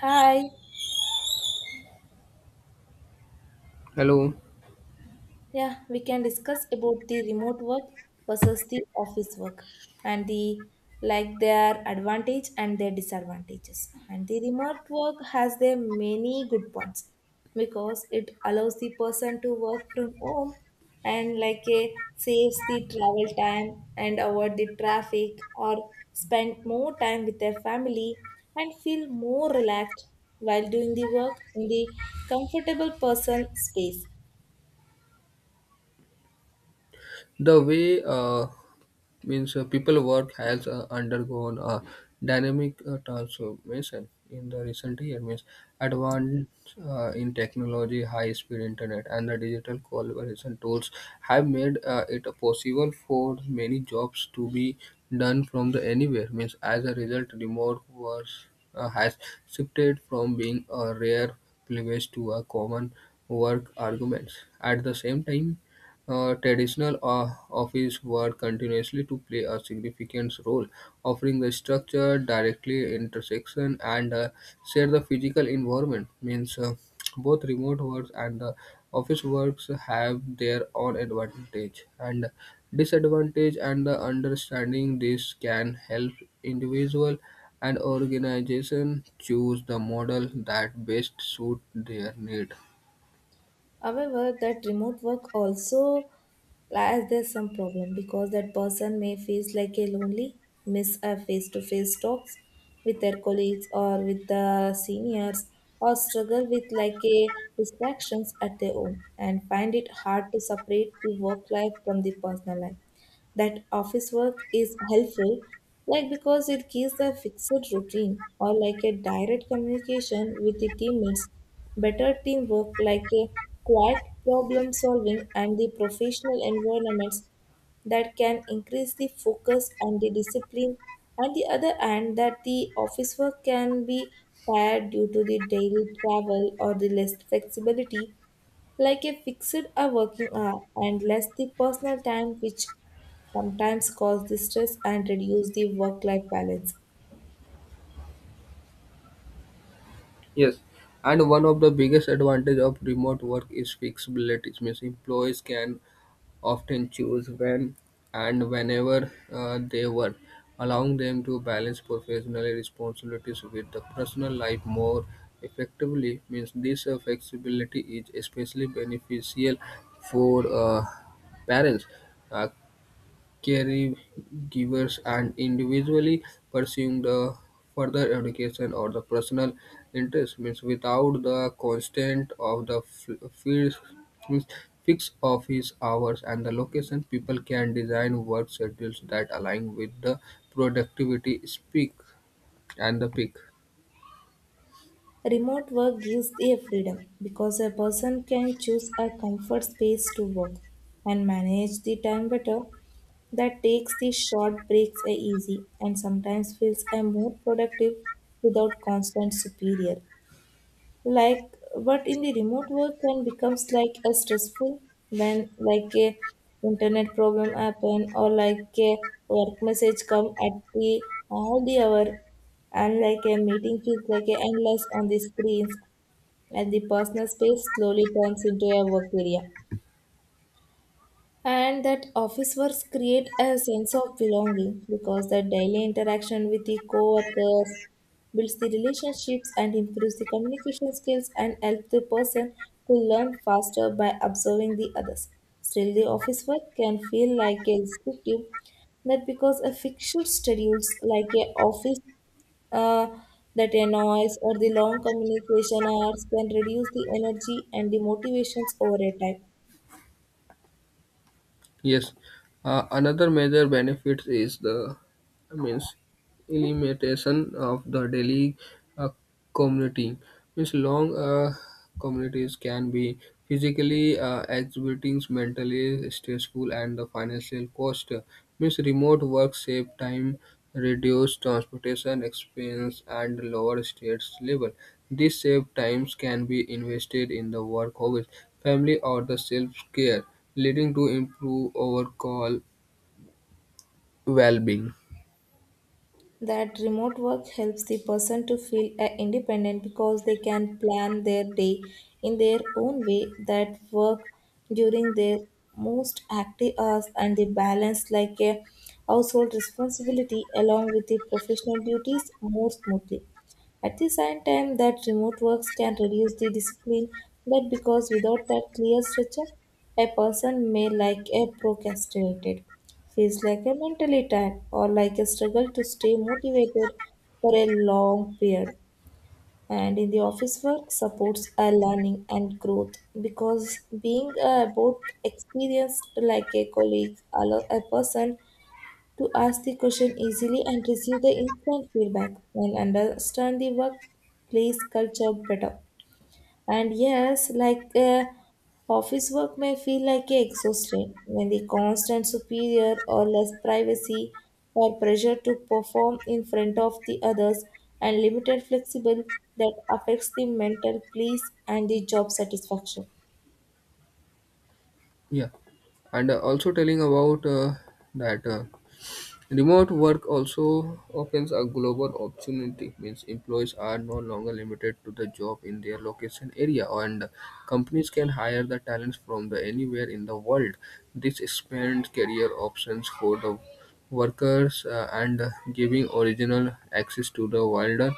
Hi. Hello. Yeah, we can discuss about the remote work versus the office work and the like their advantage and their disadvantages. And the remote work has their many good points because it allows the person to work from home and like a saves the travel time and avoid the traffic or spend more time with their family and feel more relaxed while doing the work in the comfortable person space. The way means people work has undergone a dynamic transformation in the recent year. Means advance in technology, high-speed internet, and the digital collaboration tools have made it possible for many jobs to be done from the anywhere. Means as a result, remote work has shifted from being a rare privilege to a common work argument. At the same time, traditional office work continuously to play a significant role, offering the structure, directly intersection, and share the physical environment. Means both remote works and the office works have their own advantage and disadvantage, and the understanding this can help individual and organization choose the model that best suit their need. However, that remote work also lies there's some problem because that person may feel like a lonely, miss a face-to-face talks with their colleagues or with the seniors, or struggle with like a distractions at their home and find it hard to separate the work life from the personal life. That office work is helpful, like because it gives a fixed routine or like a direct communication with the teammates, better teamwork, like a quiet problem solving, and the professional environments that can increase the focus and the discipline. On the other hand, that the office work can be tired due to the daily travel or the less flexibility like a fixed a working hour and less the personal time which sometimes cause the stress and reduce the work life balance. Yes, and one of the biggest advantage of remote work is flexibility. It means employees can often choose when and whenever they work, allowing them to balance professional responsibilities with the personal life more effectively. Means this flexibility is especially beneficial for parents. Uh, Caregivers and individually pursuing the further education or the personal interest means without the constant of the means fixed office hours and the location people can design work schedules that align with the productivity speak and the peak. Remote work gives a freedom because a person can choose a comfort space to work and manage the time better. That takes the short breaks are easy and sometimes feels a more productive without constant superior, like but in the remote work can becomes like a stressful when like a internet problem happen or like a work message come at the all the hour and like a meeting feels like a endless on the screens and the personal space slowly turns into a work area. And that office works create a sense of belonging because the daily interaction with the co-workers builds the relationships and improves the communication skills and helps the person to learn faster by observing the others. Still the office work can feel like a restrictive, not because a fixed schedules like a office uh, that annoys or the long communication hours can reduce the energy and the motivations over a time. Yes, another major benefit is the I means elimination of the daily uh, commuting. Means long communities can be physically exhibiting, mentally stressful, and the financial cost. Means remote work save time, reduce transportation expense, and lower stress level. These saved times can be invested in the work hobbies, family, or the self care leading to improve overall well-being. That remote work helps the person to feel independent because they can plan their day in their own way that work during their most active hours and they balance like a household responsibility along with the professional duties more smoothly. At the same time, that remote works can reduce the discipline that because without that clear structure, a person may like a procrastinated, feels like a mentally tired or like a struggle to stay motivated for a long period. And in the office work supports our learning and growth because being both experienced like a colleague allow a person to ask the question easily and receive the instant feedback and understand the workplace culture better. And yes, like office work may feel like a exhaustion when the constant superior or less privacy or pressure to perform in front of the others and limited flexible that affects the mental peace and the job satisfaction. Yeah, and also telling about that remote work also opens a global opportunity. Means employees are no longer limited to the job in their location area, and companies can hire the talents from the anywhere in the world. This expands career options for the workers and giving original access to the wider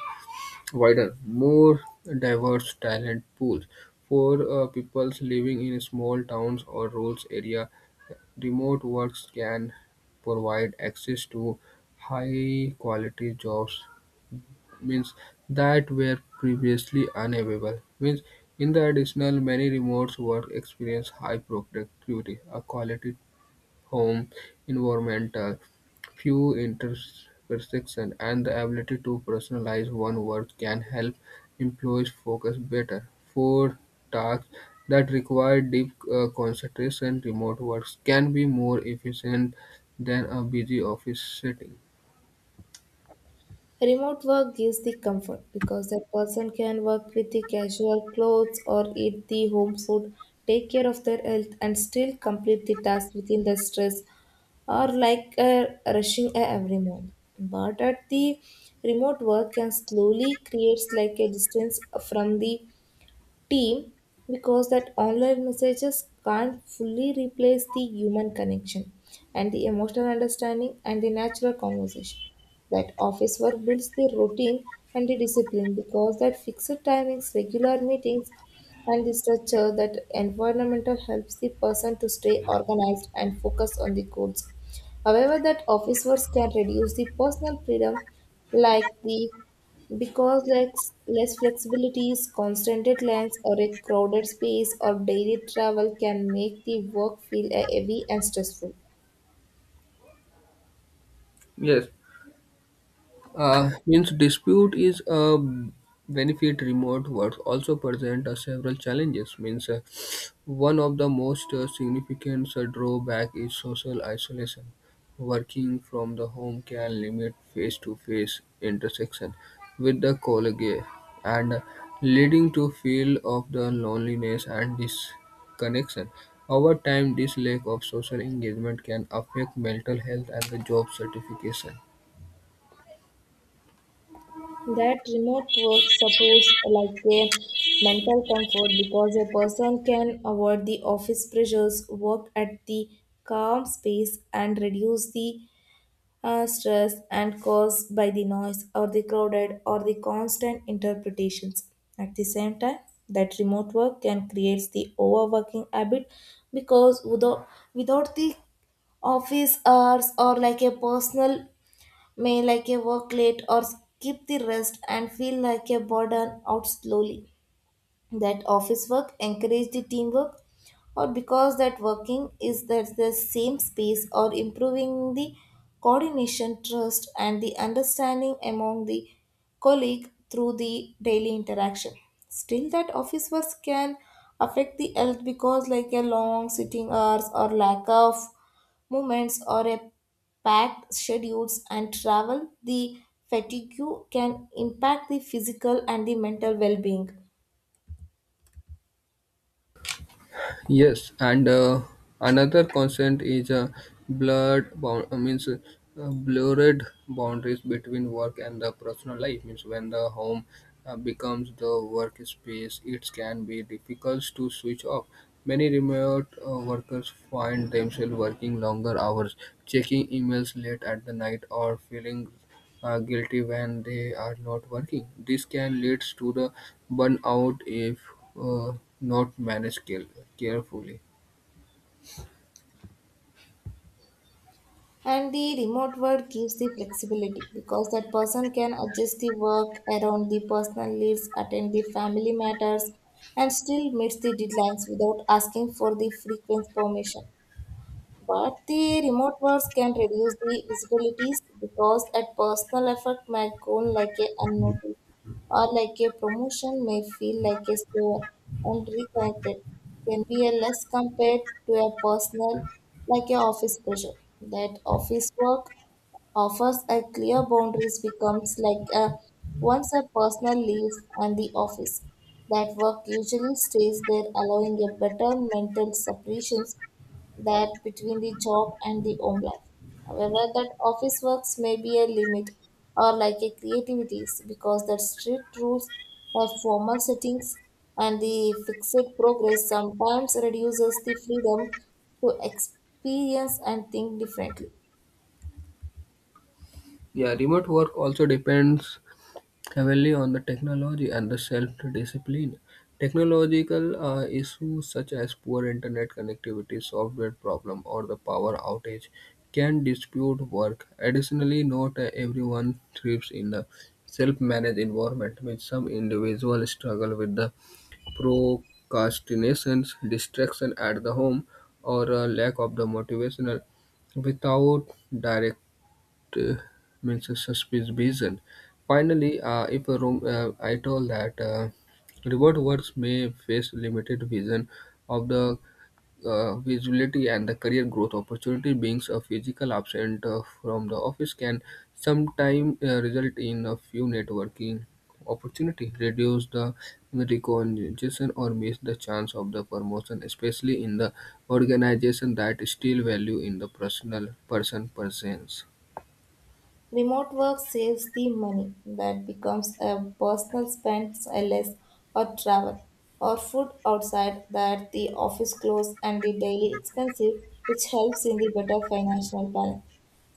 wider, more diverse talent pools. For peoples living in small towns or rural area, remote works can provide access to high quality jobs means that were previously unavailable means in the additional many remote work experience high productivity a quality home environmental, few intersections, and the ability to personalize one work can help employees focus better. For tasks that require deep concentration, remote works can be more efficient than a busy office setting. Remote work gives the comfort because that person can work with the casual clothes or eat the home food, take care of their health, and still complete the task within the stress or like rushing a every month. But at the remote work can slowly creates like a distance from the team because that online messages can't fully replace the human connection and the emotional understanding and the natural conversation. That office work builds the routine and the discipline because that fixed timings regular meetings and the structure that environmental helps the person to stay organized and focus on the goals. However, that office works can reduce the personal freedom like the because less flexibilities, constant deadlines, or a crowded space or daily travel can make the work feel heavy and stressful. Yes, means dispute is a benefit remote work also present several challenges means one of the most significant drawback is social isolation. Working from the home can limit face-to-face intersection with the colleague and leading to feel of the loneliness and disconnection. Over time this lack of social engagement can affect mental health and the job certification. That remote work supports like a mental comfort because a person can avoid the office pressures, work at the calm space, and reduce the stress and caused by the noise or the crowded or the constant interpretations. At the same time, that remote work can create the overworking habit because without the office hours or like a personal may like a work late or skip the rest and feel like a burden out slowly. That office work encourage the teamwork or because that working is that the same space or improving the coordination trust and the understanding among the colleague through the daily interaction. Still that office work can affect the health because like a long sitting hours or lack of movements or a packed schedules and travel the fatigue can impact the physical and the mental well-being. Yes, and another constant is blurred bound uh, means uh, blurred boundaries between work and the personal life. Means when the home becomes the workspace, it can be difficult to switch off. Many remote workers find themselves working longer hours, checking emails late at the night, or feeling guilty when they are not working. This can lead to the burnout if not managed carefully. And the remote work gives the flexibility because that person can adjust the work around the personal needs, attend the family matters, and still meets the deadlines without asking for the frequent permission. But the remote works can reduce the visibilities because that personal effort might go like a unnoticed or like a promotion may feel like a slower and reconnected can be a less compared to a personal like a office pressure. That office work offers a clear boundaries becomes like a once a personal leaves and the office. That work usually stays there allowing a better mental separations that between the job and the home life. However, that office works may be a limit or like a creativity because that strict rules or formal settings and the fixed progress sometimes reduces the freedom to experience and think differently. Yeah, remote work also depends heavily on the technology and the self-discipline. Technological issues such as poor internet connectivity, software problem, or the power outage can dispute work. Additionally, not everyone thrives in a self-managed environment, which some individuals struggle with the procrastinations, distraction at the home, or a lack of the motivational without direct uh, means a suspicious reason. Finally, if a room, I told that reward works may face limited vision of the visibility and the career growth opportunity being a physical absent from the office can sometimes result in a few networking opportunity reduce the recognition or miss the chance of the promotion especially in the organization that still value in the personal person presence. Remote work saves the money that becomes a personal spend less or travel or food outside that the office clothes and the daily expensive which helps in the better financial balance.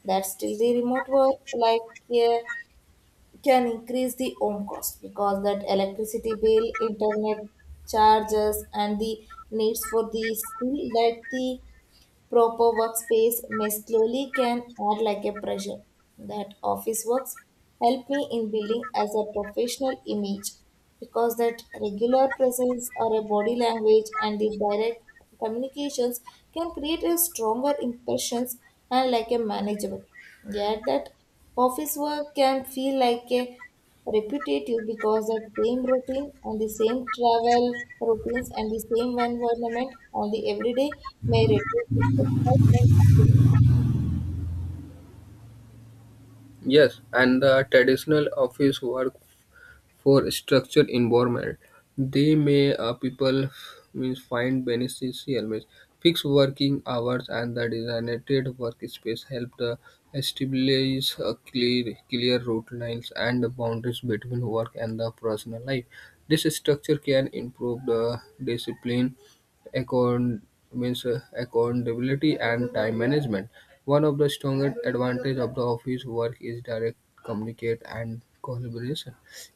That still the remote work, like, yeah, can increase the home cost because that electricity bill, internet charges and the needs for the skill that the proper workspace may slowly can add like a pressure. That office works help me in building as a professional image because that regular presence or a body language and the direct communications can create a stronger impressions and like a manageable. Yet that office work can feel like a repetitive because that same routine and the same travel routines and the same environment on the everyday may reduce its excitement and the Yes, and the traditional office work for structured environment. They may people means find beneficial means fixed working hours and the designated workspace help the establish a clear route lines and the boundaries between work and the personal life. This structure can improve the discipline account means accountability and time management. One of the strongest advantage of the office work is direct communicate and collaboration.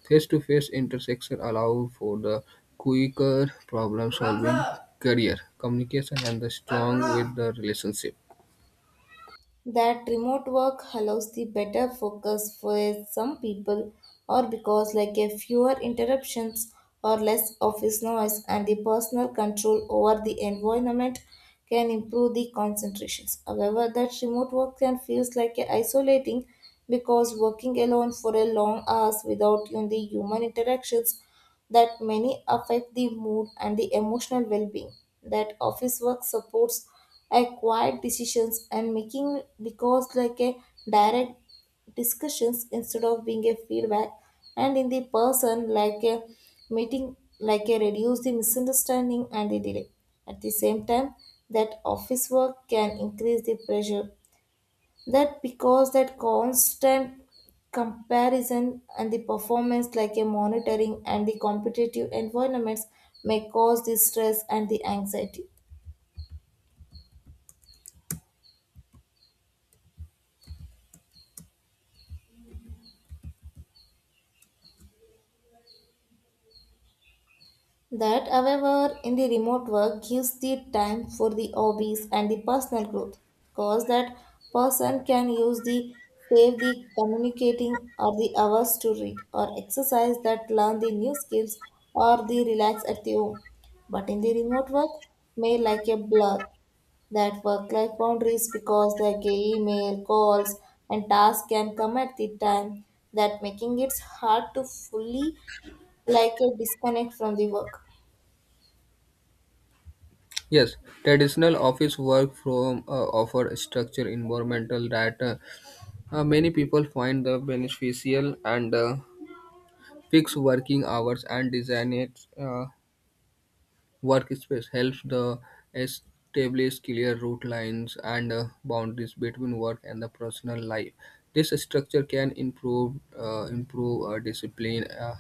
Face-to-face interactions allow for the quicker problem-solving, career communication, and the strong with the relationship. that remote work allows the better focus for some people or because like a fewer interruptions or less office noise and the personal control over the environment can improve the concentrations. However, that remote work can feels like a isolating because working alone for a long hours without even the human interactions that many affect the mood and the emotional well-being. That office work supports acquired decisions and making because like a direct discussions instead of being a feedback and in the person like a meeting like a reduce the misunderstanding and the delay. At the same time that office work can increase the pressure that because that constant comparison and the performance like a monitoring and the competitive environments may cause the stress and the anxiety. That, however, in the remote work gives the time for the hobbies and the personal growth because that person can use the save the communicating or the hours to read or exercise that learn the new skills or the relax at the home. But in the remote work may like a blur that work life boundaries because the email calls and tasks can come at the time that making it hard to fully like a disconnect from the work. Yes, traditional office work from offer structure environmental that many people find the beneficial and fixed working hours and designated workspace helps the establish clear route lines and boundaries between work and the personal life. This structure can improve discipline,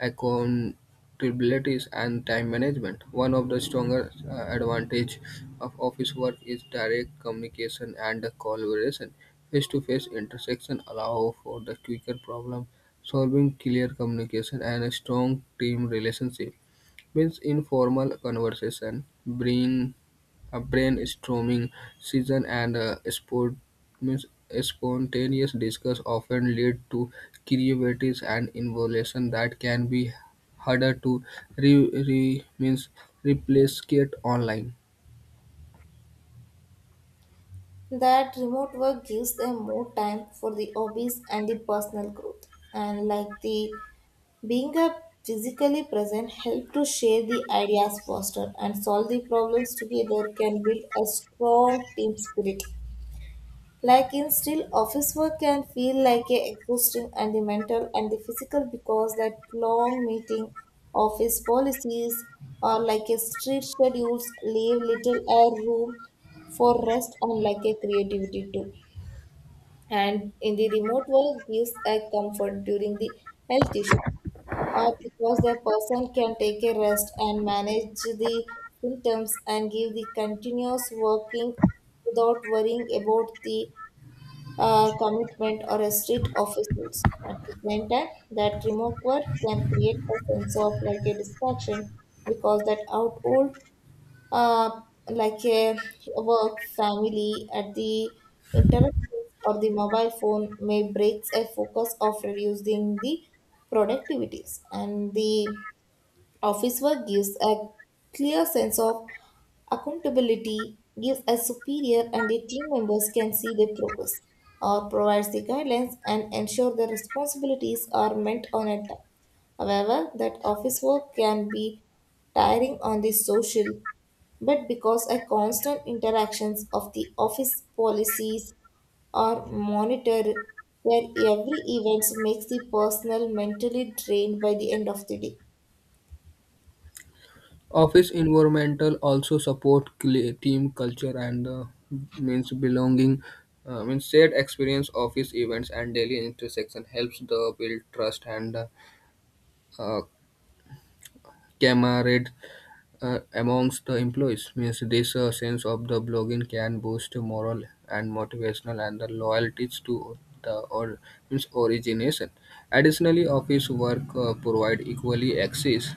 accountabilities, and time management. One of the stronger advantage of office work is direct communication and collaboration. Face-to-face intersection allow for the quicker problem solving, clear communication, and a strong team relationship means informal conversation, bring a brainstorming session, and a sport means spontaneous discuss often lead to creativity and innovation that can be harder to re, re means replicate online. That remote work gives them more time for the hobbies and the personal growth and like the being a physically present help to share the ideas faster and solve the problems together can build a strong team spirit. Like in still office work can feel like a exhausting and the mental and the physical because that long meeting office policies or like a strict schedules leave little air room for rest and like a creativity too. And in the remote world gives a comfort during the health issue or because the person can take a rest and manage the symptoms and give the continuous working without worrying about the commitment or a street officials. At the same time, that remote work can create a sense of like a distraction because that outdoor uh, like a work, family, at the interruptions or the mobile phone may breaks a focus of reducing the productivities and the office work gives a clear sense of accountability, gives a superior and the team members can see their progress, or provides the guidelines and ensure the responsibilities are met on a time. However, that office work can be tiring on the social, but because a constant interactions of the office policies are monitored, where every event makes the personal mentally drained by the end of the day. Office environmental also support team culture and means belonging means shared experience office events and daily interaction helps the build trust and uh, camaraderie amongst the employees. Means this sense of the blogging can boost moral and motivational and the loyalties to the or means origination. Additionally, office work provide equally access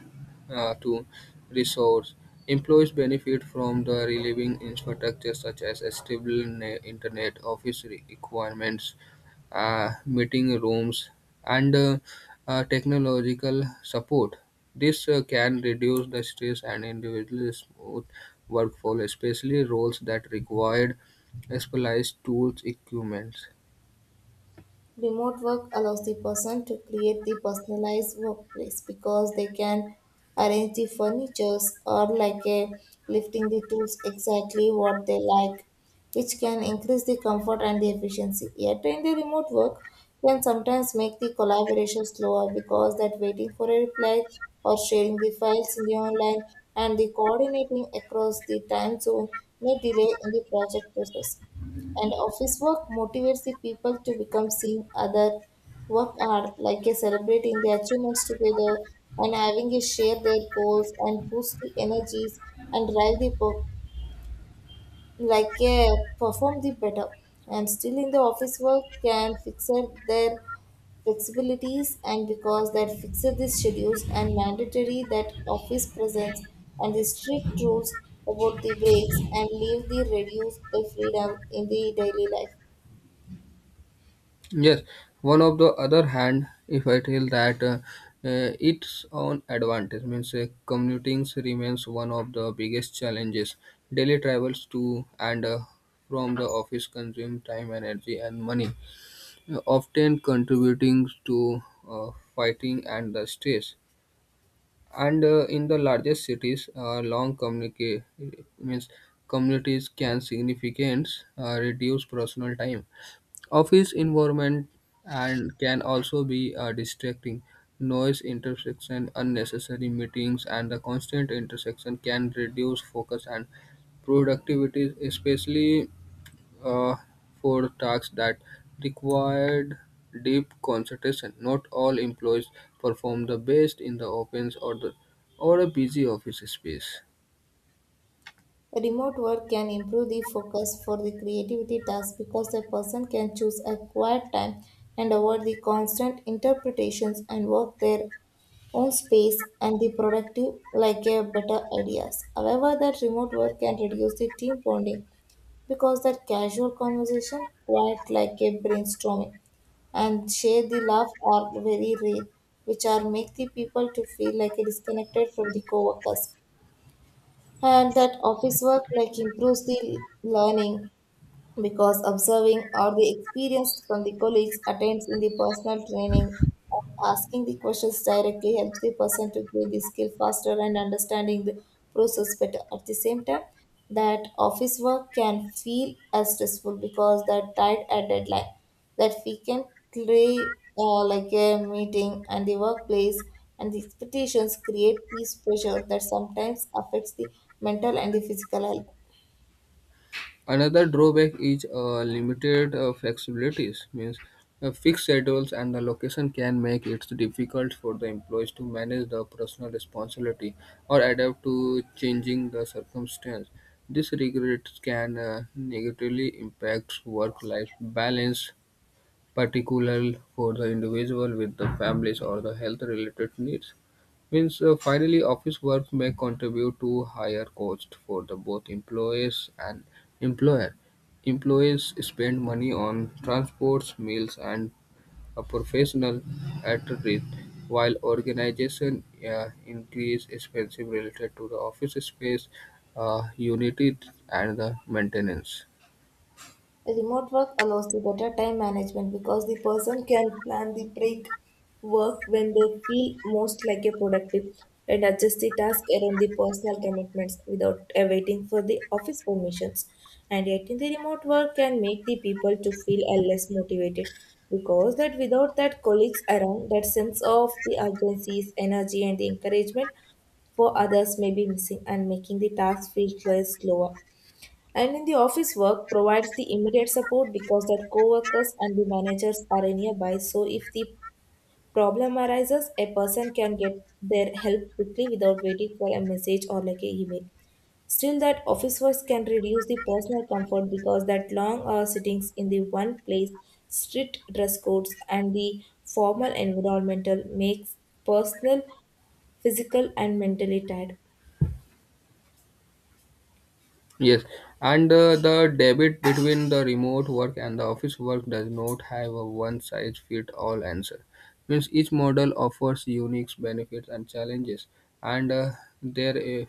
to resource. Employees benefit from the relieving infrastructure such as a stable internet, office requirements, meeting rooms, and technological support. This can reduce the stress and individually smooth workflow, especially roles that required specialized tools equipment. Remote work allows the person to create the personalized workplace because they can arrange the furnitures or like a lifting the tools exactly what they like, which can increase the comfort and the efficiency. Yet in the remote work can sometimes make the collaboration slower because that waiting for a reply or sharing the files in the online and the coordinating across the time zone may delay in the project process. And office work motivates the people to become seeing other work hard, like a celebrating their achievements together and having a share their goals and boost the energies and drive the work like a perform the better. And still in the office work can fix it their flexibilities and because that fixes the schedules and mandatory that office presence and the strict rules about the breaks and leave the reduce the freedom in the daily life. Yes, one of the other hand, if I tell that its own advantage means commuting remains one of the biggest challenges. Daily travels to and from the office consume time, energy, and money, often contributing to fighting and the stress. And in the largest cities long communica- means communities can significantly reduce personal time office environment and can also be distracting noise intersection unnecessary meetings and the constant intersection can reduce focus and productivity especially uh, for tasks that required deep concentration. Not all employees perform the best in the opens or a busy office space. Remote work can improve the focus for the creativity task because a person can choose a quiet time and avoid the constant interpretations and work their own space and the productive like a better ideas. However, that remote work can reduce the team bonding because that casual conversation, quiet like a brainstorming, and share the laugh are very rare, which are make the people to feel like a disconnected from the coworkers. And that office work like improves the learning because observing or the experience from the colleagues attained in the personal training and asking the questions directly helps the person to gain the skill faster and understanding the process better. At the same time, that office work can feel as stressful because that tight at deadline that we can play like a meeting and the workplace and the expectations create peace pressure that sometimes affects the mental and the physical health. Another drawback is limited flexibilities. Means fixed schedules and the location can make it difficult for the employees to manage the personal responsibility or adapt to changing the circumstance. This regret can negatively impact work-life balance particularly for the individual with the families or the health-related needs. Means finally, office work may contribute to higher cost for the both employees and employer. Employees spend money on transports, meals, and a professional attire, while organization increase expenses related to the office space, unit, and the maintenance. Remote work allows the better time management because the person can plan the break work when they feel most like a productive and adjust the task around the personal commitments without awaiting for the office permissions. And yet in the remote work can make the people to feel less motivated because that without that colleagues around that sense of the urgency, energy and the encouragement for others may be missing and making the task feel less slower. And in the office work provides the immediate support because that co-workers and the managers are nearby. So if the problem arises, a person can get their help quickly without waiting for a message or like a email. Still, that office work can reduce the personal comfort because that long hour sittings in the one place, strict dress codes, and the formal environmental makes personal, physical, and mentally tired. Yes, and the debate between the remote work and the office work does not have a one-size-fit-all answer. Means each model offers unique benefits and challenges, and their uh,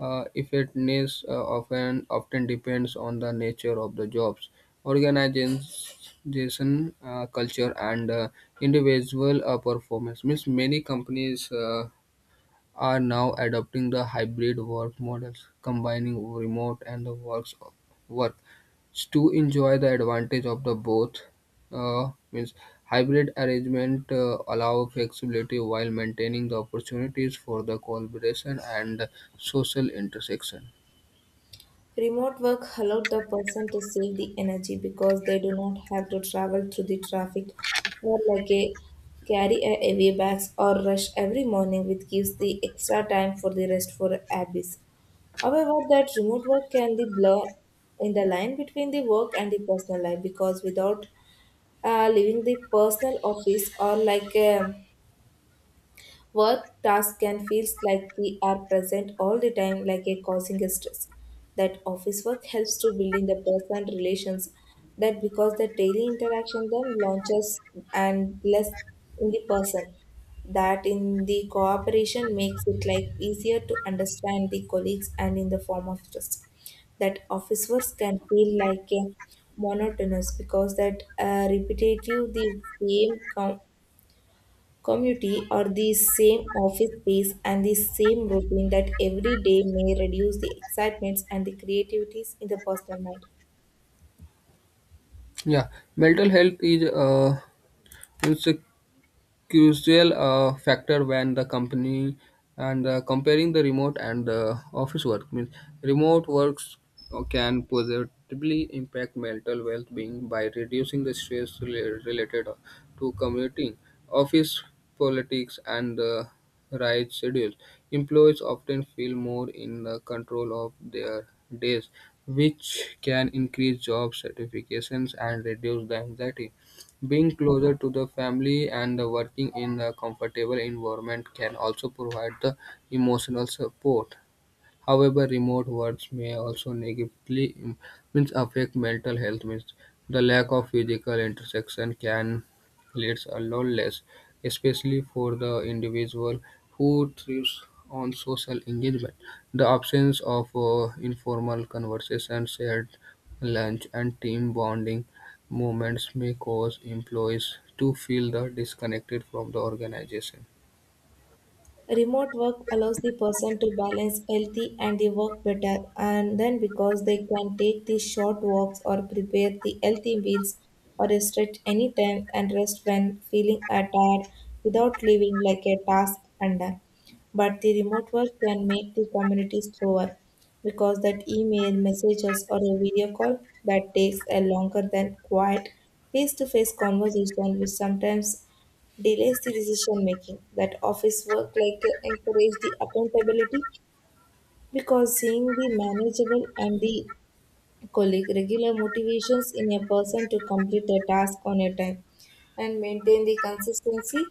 uh, effectiveness often depends on the nature of the jobs, organization culture, and individual performance. Means many companies are now adopting the hybrid work models, combining remote and the work to enjoy the advantage of the both. Means hybrid arrangement allow flexibility while maintaining the opportunities for the collaboration and social intersection. Remote work allowed the person to save the energy because they do not have to travel through the traffic or like a carry a heavy bags or rush every morning, which gives the extra time for the rest for hobbies. However, that remote work can be blur in the line between the work and the personal life because without leaving the personal office or like work task can feels like we are present all the time, like a causing a stress. That office work helps to building the personal relations. That because the daily interaction then launches and less in the person. That in the cooperation makes it like easier to understand the colleagues and in the form of trust. That office work can feel like a monotonous because that repetitive the same community or the same office space and the same routine that every day may reduce the excitements and the creativities in the personal mind. Yeah, mental health is means crucial factor when the company and comparing the remote and office work means remote works can positively impact mental well-being by reducing the stress related to commuting office politics and right schedules employees often feel more in the control of their days which can increase job satisfactions and reduce the anxiety being closer to the family and working in a comfortable environment can also provide the emotional support. However, remote words may also negatively means affect mental health means the lack of physical interaction can lead to loneliness, especially for the individual who thrives on social engagement. The absence of informal conversation, shared lunch, and team bonding moments may cause employees to feel the disconnected from the organization. Remote work allows the person to balance healthy and the work better, and then because they can take the short walks or prepare the healthy meals or stretch anytime and rest when feeling tired without leaving like a task undone. But the remote work can make the community slower because that email, messages, or a video call that takes a longer than quiet face-to-face conversation, which sometimes delays the decision making. That office work like encourage the accountability because seeing the manageable and the colleague regular motivations in a person to complete a task on a time and maintain the consistency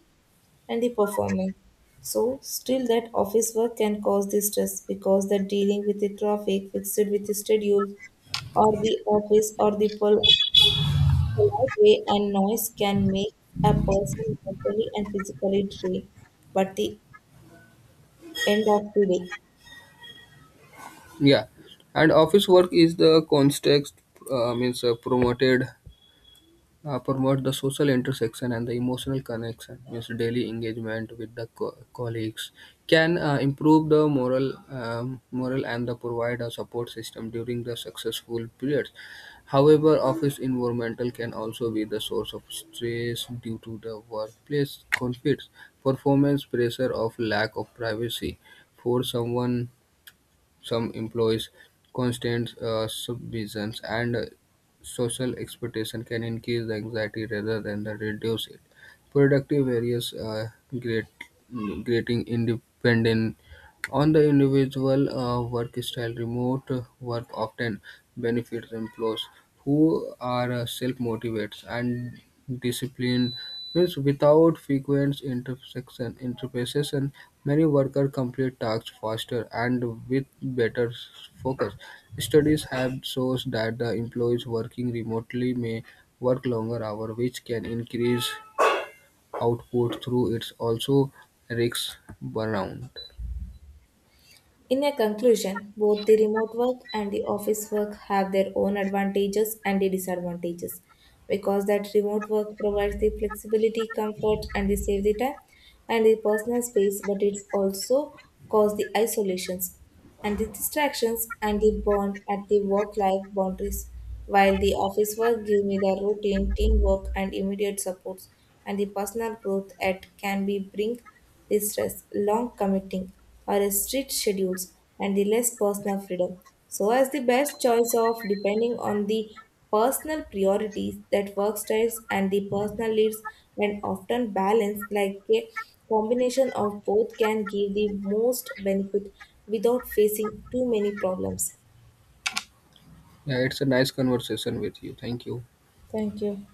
and the performance. So still that office work can cause the stress because the dealing with the traffic, fixed with the schedule or the office or the the light lightweight and noise can make a person mentally and physically drained, but the end of the day. Yeah, and office work is the context means promote the social intersection and the emotional connection means daily engagement with the colleagues can improve the moral and the provide a support system during the successful periods. However, office environmental can also be the source of stress due to the workplace conflicts, performance pressure of lack of privacy for some employees' constant supervision and social expectation can increase the anxiety rather than the reduce it. Productive areas are great, creating independent on the individual work style. Remote work often benefits employees who are self motivated and disciplined. Hence, without frequent interruptions, many workers complete tasks faster and with better focus. Studies have shown that the employees working remotely may work longer hours, which can increase output through it's also risks burnout. In a conclusion, both the remote work and the office work have their own advantages and the disadvantages, because that remote work provides the flexibility, comfort, and the save the time and the personal space, but it's also cause the isolations and the distractions and the bond at the work life boundaries, while the office work give me the routine, teamwork, and immediate supports, and the personal growth at can be bring the stress, long committing, or a strict schedules, and the less personal freedom. So, as the best choice of depending on the personal priorities that work styles and the personal lives, and often balance like a combination of both can give the most benefit without facing too many problems. Yeah, it's a nice conversation with you. Thank you. Thank you.